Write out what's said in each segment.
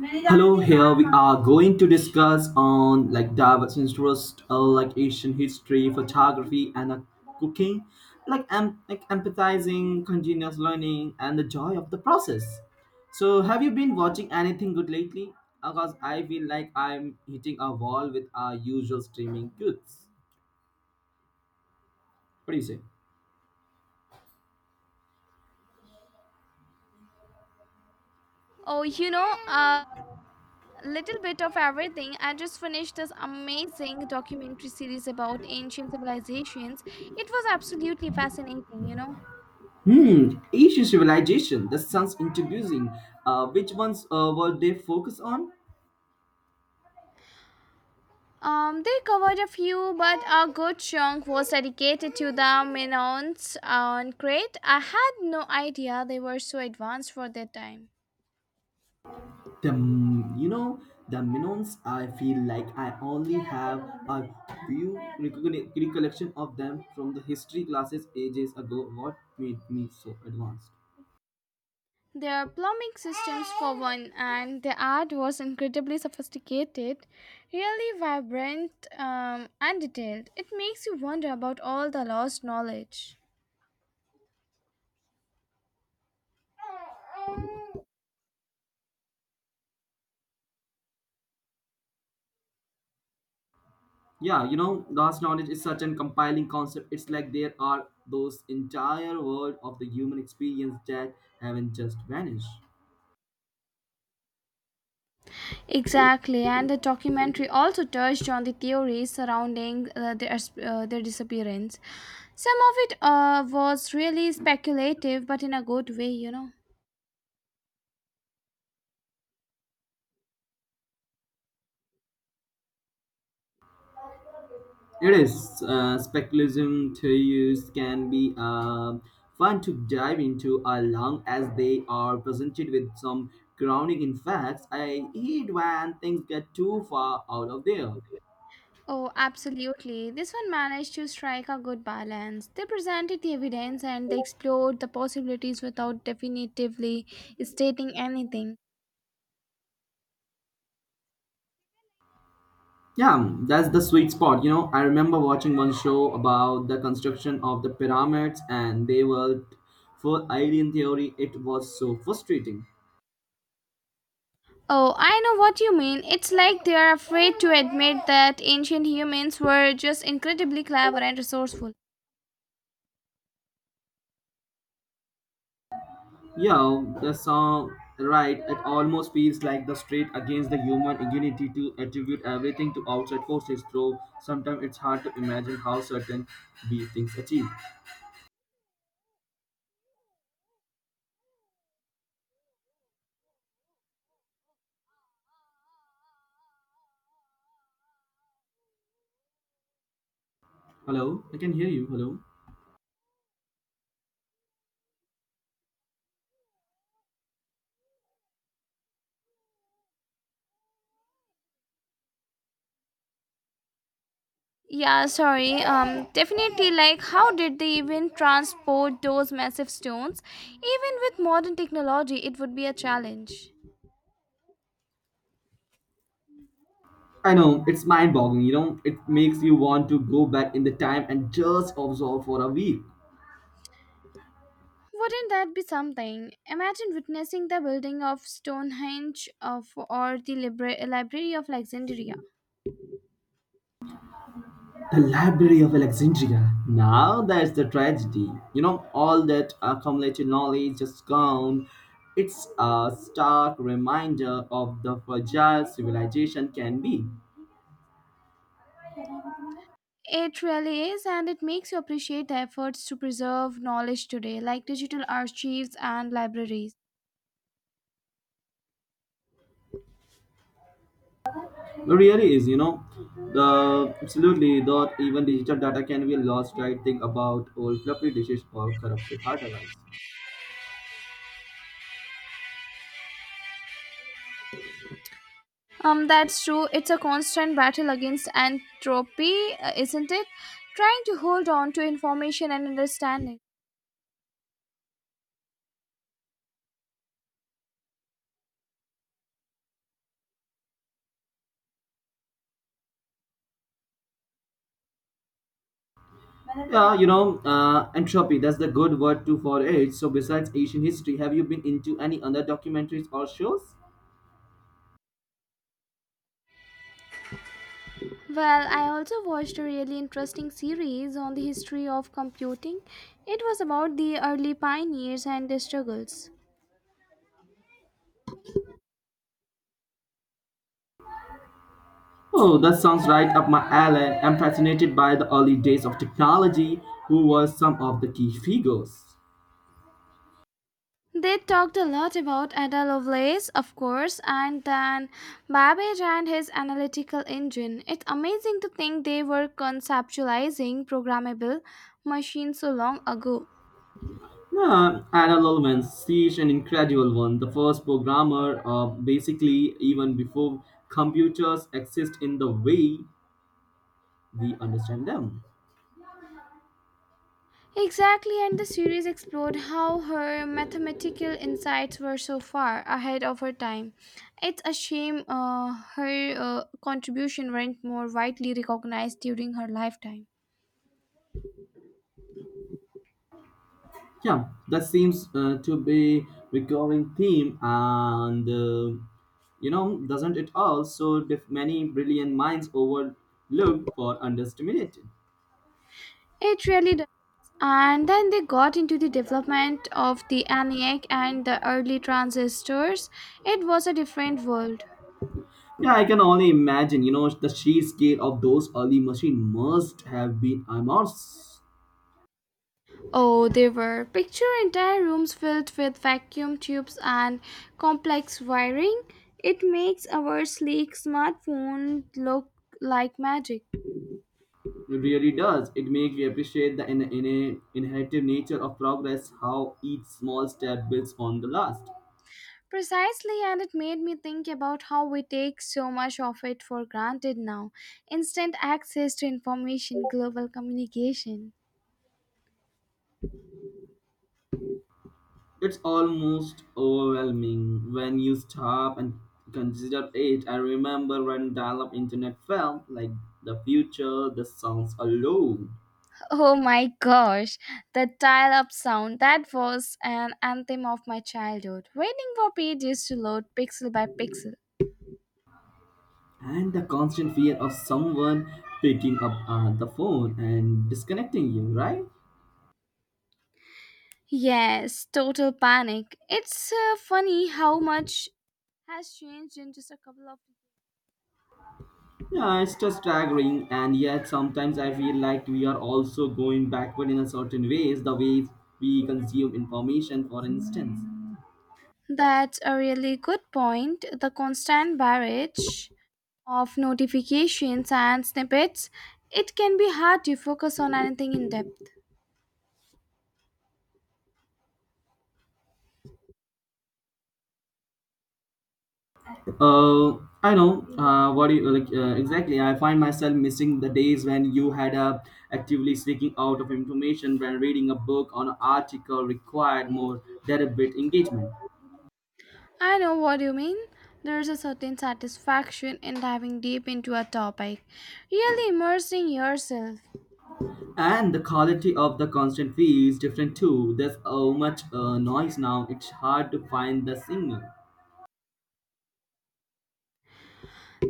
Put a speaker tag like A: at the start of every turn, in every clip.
A: Hello, here we are going to discuss on like diverse interests, like Asian history, photography, and cooking, like empathizing, continuous learning, and the joy of the process. So, have you been watching anything good lately? Because I feel like I'm hitting a wall with our usual streaming goods. What do you say?
B: Oh, you know, a little bit of everything. I just finished this amazing documentary series about ancient civilizations. It was absolutely fascinating.
A: Hmm, Asian civilization. That sounds introducing. Which ones were they focused on?
B: They covered a few, but a good chunk was dedicated to the Minoans on Crete. I had no idea they were so advanced for their time.
A: The you know the Minons. I feel like I only have a few recollection of them from the history classes ages ago. What made me so advanced?
B: There are plumbing systems for one, and the art was incredibly sophisticated, really vibrant and detailed. It makes you wonder about all the lost knowledge.
A: Yeah, you know, vast knowledge is such an compiling concept. It's like there are those entire world of the human experience that haven't just vanished.
B: Exactly, and the documentary also touched on the theories surrounding their disappearance. Some of it was really speculative, but in a good way.
A: It is. Speculation theories can be fun to dive into as long as they are presented with some grounding in facts. I hate when things get too far out of there.
B: Oh, absolutely. This one managed to strike a good balance. They presented the evidence and they explored the possibilities without definitively stating anything.
A: Yeah, that's the sweet spot. You know, I remember watching one show about the construction of the pyramids, and they were for alien theory. It was so frustrating.
B: Oh, I know what you mean. It's like they are afraid to admit that ancient humans were just incredibly clever and resourceful.
A: Yeah, the song, right, it almost feels like the straight against the human ingenuity to attribute everything to outside forces, though sometimes it's hard to imagine how certain these things achieve. Hello, I can hear you. Hello.
B: Yeah, sorry. Definitely. Like, how did they even transport those massive stones? Even with modern technology, it would be a challenge.
A: I know, it's mind boggling, you know, it makes you want to go back in the time and just observe for a week.
B: Wouldn't that be something? Imagine witnessing the building of Stonehenge of, or the Library of Alexandria.
A: The Library of Alexandria. Now that's the tragedy. You know, all that accumulated knowledge just gone. It's a stark reminder of the fragile civilization can be.
B: It really is, and it makes you appreciate the efforts to preserve knowledge today, like digital archives and libraries.
A: It really is, you know. The absolutely not even digital data can be lost, right? Think about old floppy dishes or corrupted hard drives.
B: That's true. It's a constant battle against entropy, isn't it? Trying to hold on to information and understand it.
A: Yeah, you know, entropy, that's the good word too for it. So besides Asian history, have you been into any other documentaries or shows?
B: Well, I also watched a really interesting series on the history of computing. It was about the early pioneers and their struggles.
A: Oh, that sounds right up my alley. I'm fascinated by the early days of technology, who were some of the key figures.
B: They talked a lot about Ada Lovelace, of course, and then Babbage and his analytical engine. It's amazing to think they were conceptualizing programmable machines so long ago.
A: Yeah, Ada Lovelace, she's an incredible one. The first programmer, basically, even before computers exist in the way we understand them.
B: Exactly, and the series explored how her mathematical insights were so far ahead of her time. It's a shame her contribution weren't more widely recognized during her lifetime.
A: Yeah, that seems to be recurring theme, and doesn't it also? Many brilliant minds overlooked or underestimated.
B: It really does. And then they got into the development of the ENIAC and the early transistors. It was a different world.
A: Yeah, I can only imagine. You know, the sheer scale of those early machines must have been immense.
B: Oh, they were. Picture entire rooms filled with vacuum tubes and complex wiring. It makes our sleek smartphone look like magic.
A: It really does. It makes you appreciate the in inherited nature of progress, how each small step builds on the last.
B: Precisely, and it made me think about how we take so much of it for granted now. Instant access to information, global communication.
A: It's almost overwhelming when you stop and consider it. I remember when dial-up internet felt like the future, the sounds alone,
B: Oh my gosh, the dial up sound. That was an anthem of my childhood. Waiting for pages to load pixel by pixel.
A: and the constant fear of someone picking up the phone and disconnecting you, right?
B: Yes, total panic. It's funny how much has changed in just a couple of.
A: Yeah, it's just staggering, and yet sometimes I feel like we are also going backward in a certain ways, the way we consume information, for instance.
B: That's a really good point. The constant barrage of notifications and snippets, it can be hard to focus on anything in depth.
A: Uh, I know. What do you like exactly? I find myself missing the days when you had actively seeking out of information when reading a book or an article required more deliberate engagement.
B: I know what you mean. There's a certain satisfaction in diving deep into a topic, really immersing yourself.
A: And the quality of the constant feed is different too. There's so much noise now; it's hard to find the signal.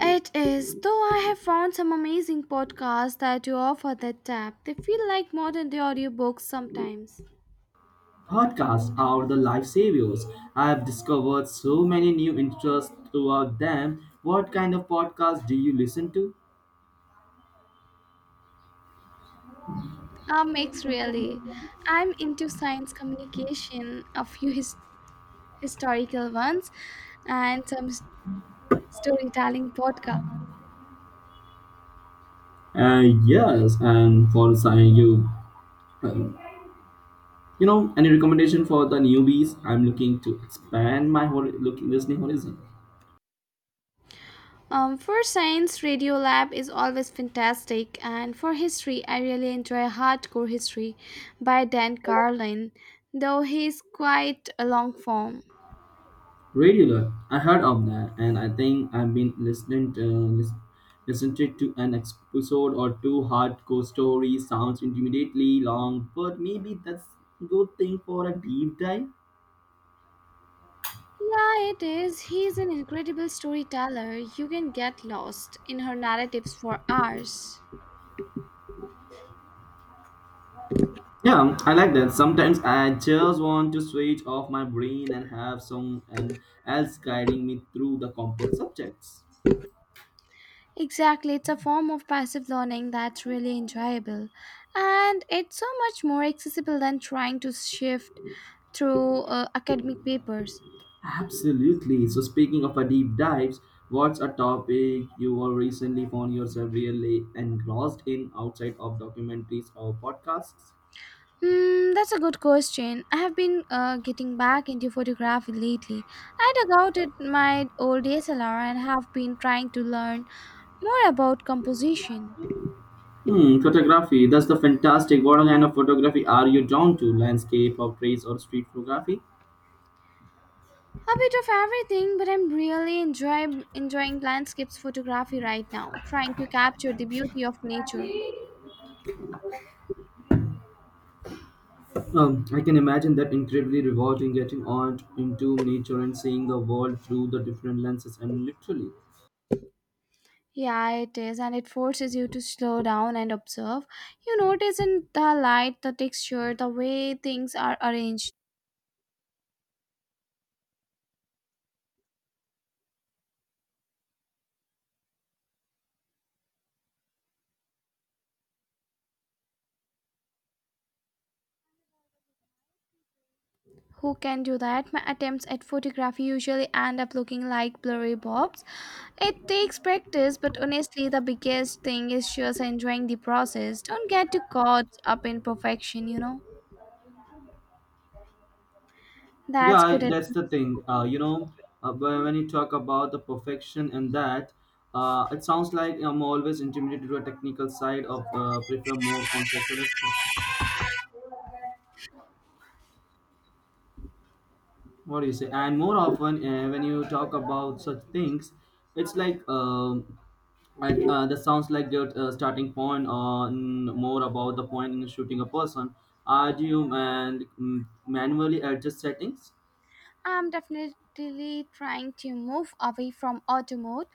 B: It is, though I have found some amazing podcasts that you offer that tap. They feel like modern day audiobooks sometimes.
A: Podcasts are the lifesavers. I've discovered so many new interests throughout them. What kind of podcast do you listen to?
B: A mix, really. I'm into science communication, a few historical ones, and some storytelling podcasts.
A: Yes, and for sign you, um, you know, any recommendation for the newbies? I'm looking to expand my listening horizon.
B: For science, Radio Lab is always fantastic, and for history, I really enjoy Hardcore History by Dan Carlin, though he's quite a long form.
A: Radiola, I heard of that, and I think I've been lis- listened to an episode or two. Hardcore story sounds intimidatingly long, but maybe that's a good thing for a deep dive.
B: Yeah, it is. He's an incredible storyteller. You can get lost in her narratives for hours.
A: Yeah, I like that. Sometimes I just want to switch off my brain and have someone else guiding me through the complex subjects.
B: Exactly. It's a form of passive learning that's really enjoyable. And it's so much more accessible than trying to shift through academic papers.
A: Absolutely. So, speaking of a deep dives, what's a topic you were recently found yourself really engrossed in outside of documentaries or podcasts?
B: Hmm, that's a good question. I have been getting back into photography lately. I dug out at my old DSLR and have been trying to learn more about composition.
A: Hmm, photography. That's the fantastic. What kind of photography are you drawn to? Landscape, portraits, or street photography?
B: A bit of everything, but I'm enjoying landscapes photography right now, trying to capture the beauty of nature.
A: I can imagine that incredibly rewarding getting out into nature and seeing the world through the different lenses and literally.
B: Yeah, it is, and it forces you to slow down and observe. You notice in the light, the texture, the way things are arranged. Who can do that? My attempts at photography usually end up looking like blurry bobs. It takes practice, but honestly, the biggest thing is just enjoying the process. Don't get too caught up in perfection, you know?
A: Yeah,
B: That's
A: I,
B: good
A: that's the
B: advice.
A: thing. But when you talk about the perfection and that, it sounds like I'm always intimidated to a technical side of prefer more conceptual aspects. What do you say and more often when you talk about such things it's like that sounds like your starting point on more about the point in shooting a person, are you manually adjust settings?
B: I'm definitely trying to move away from auto mode.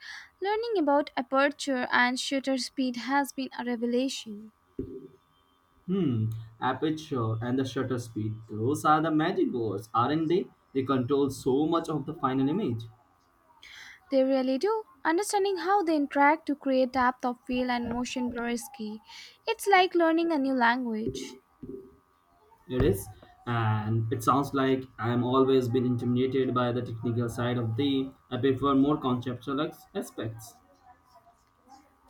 B: Learning about aperture and shutter speed has been a revelation.
A: Hmm, aperture and the shutter speed, those are the magic words, aren't they? They control so much of the final image.
B: They really do. Understanding how they interact to create depth of feel and motion blur is key. It's like learning a new language.
A: It is, and it sounds like I'm always been intimidated by the technical side of the. I prefer more conceptual aspects.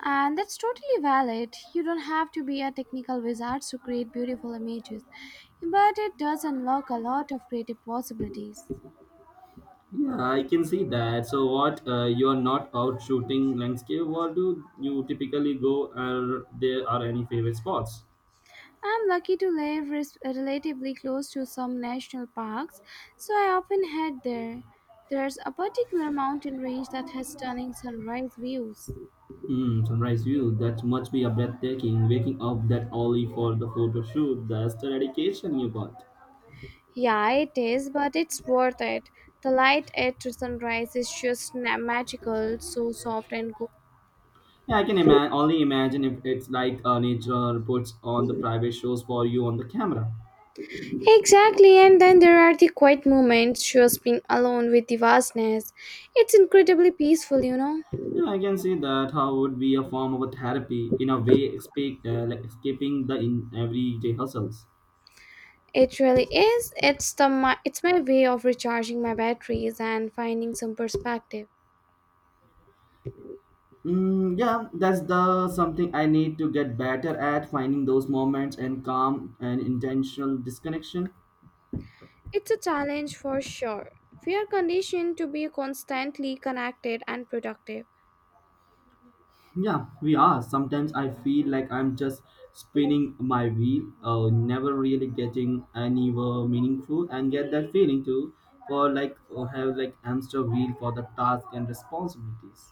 B: And that's totally valid. You don't have to be a technical wizard to create beautiful images, but it does unlock a lot of creative possibilities.
A: Yeah, I can see that. So, what you are not out shooting landscape? What do you typically go? Are there are any favorite spots?
B: I'm lucky to live relatively close to some national parks, so I often head there. There's a particular mountain range that has stunning sunrise views.
A: Hmm, sunrise view. That must be a breathtaking. Waking up that early for the photo shoot. That's the dedication you got.
B: Yeah, it is, but it's worth it. The light at sunrise is just magical, so soft and cool.
A: Yeah, only imagine if it's like nature puts on the private shows for you on the camera.
B: Exactly, and then there are the quiet moments, just being alone with the vastness. It's incredibly peaceful, you know.
A: Yeah, I can see that how would be a form of a therapy in a way, escape, like escaping the in everyday hustles.
B: It really is. It's my way of recharging my batteries and finding some perspective.
A: Mm, yeah, that's the something I need to get better at finding those moments and calm and intentional disconnection.
B: It's a challenge for sure. We are conditioned to be constantly connected and productive.
A: Yeah, we are. Sometimes I feel like I'm just spinning my wheel, never really getting anywhere meaningful, and get that feeling too, for like or have like hamster wheel for the task and responsibilities.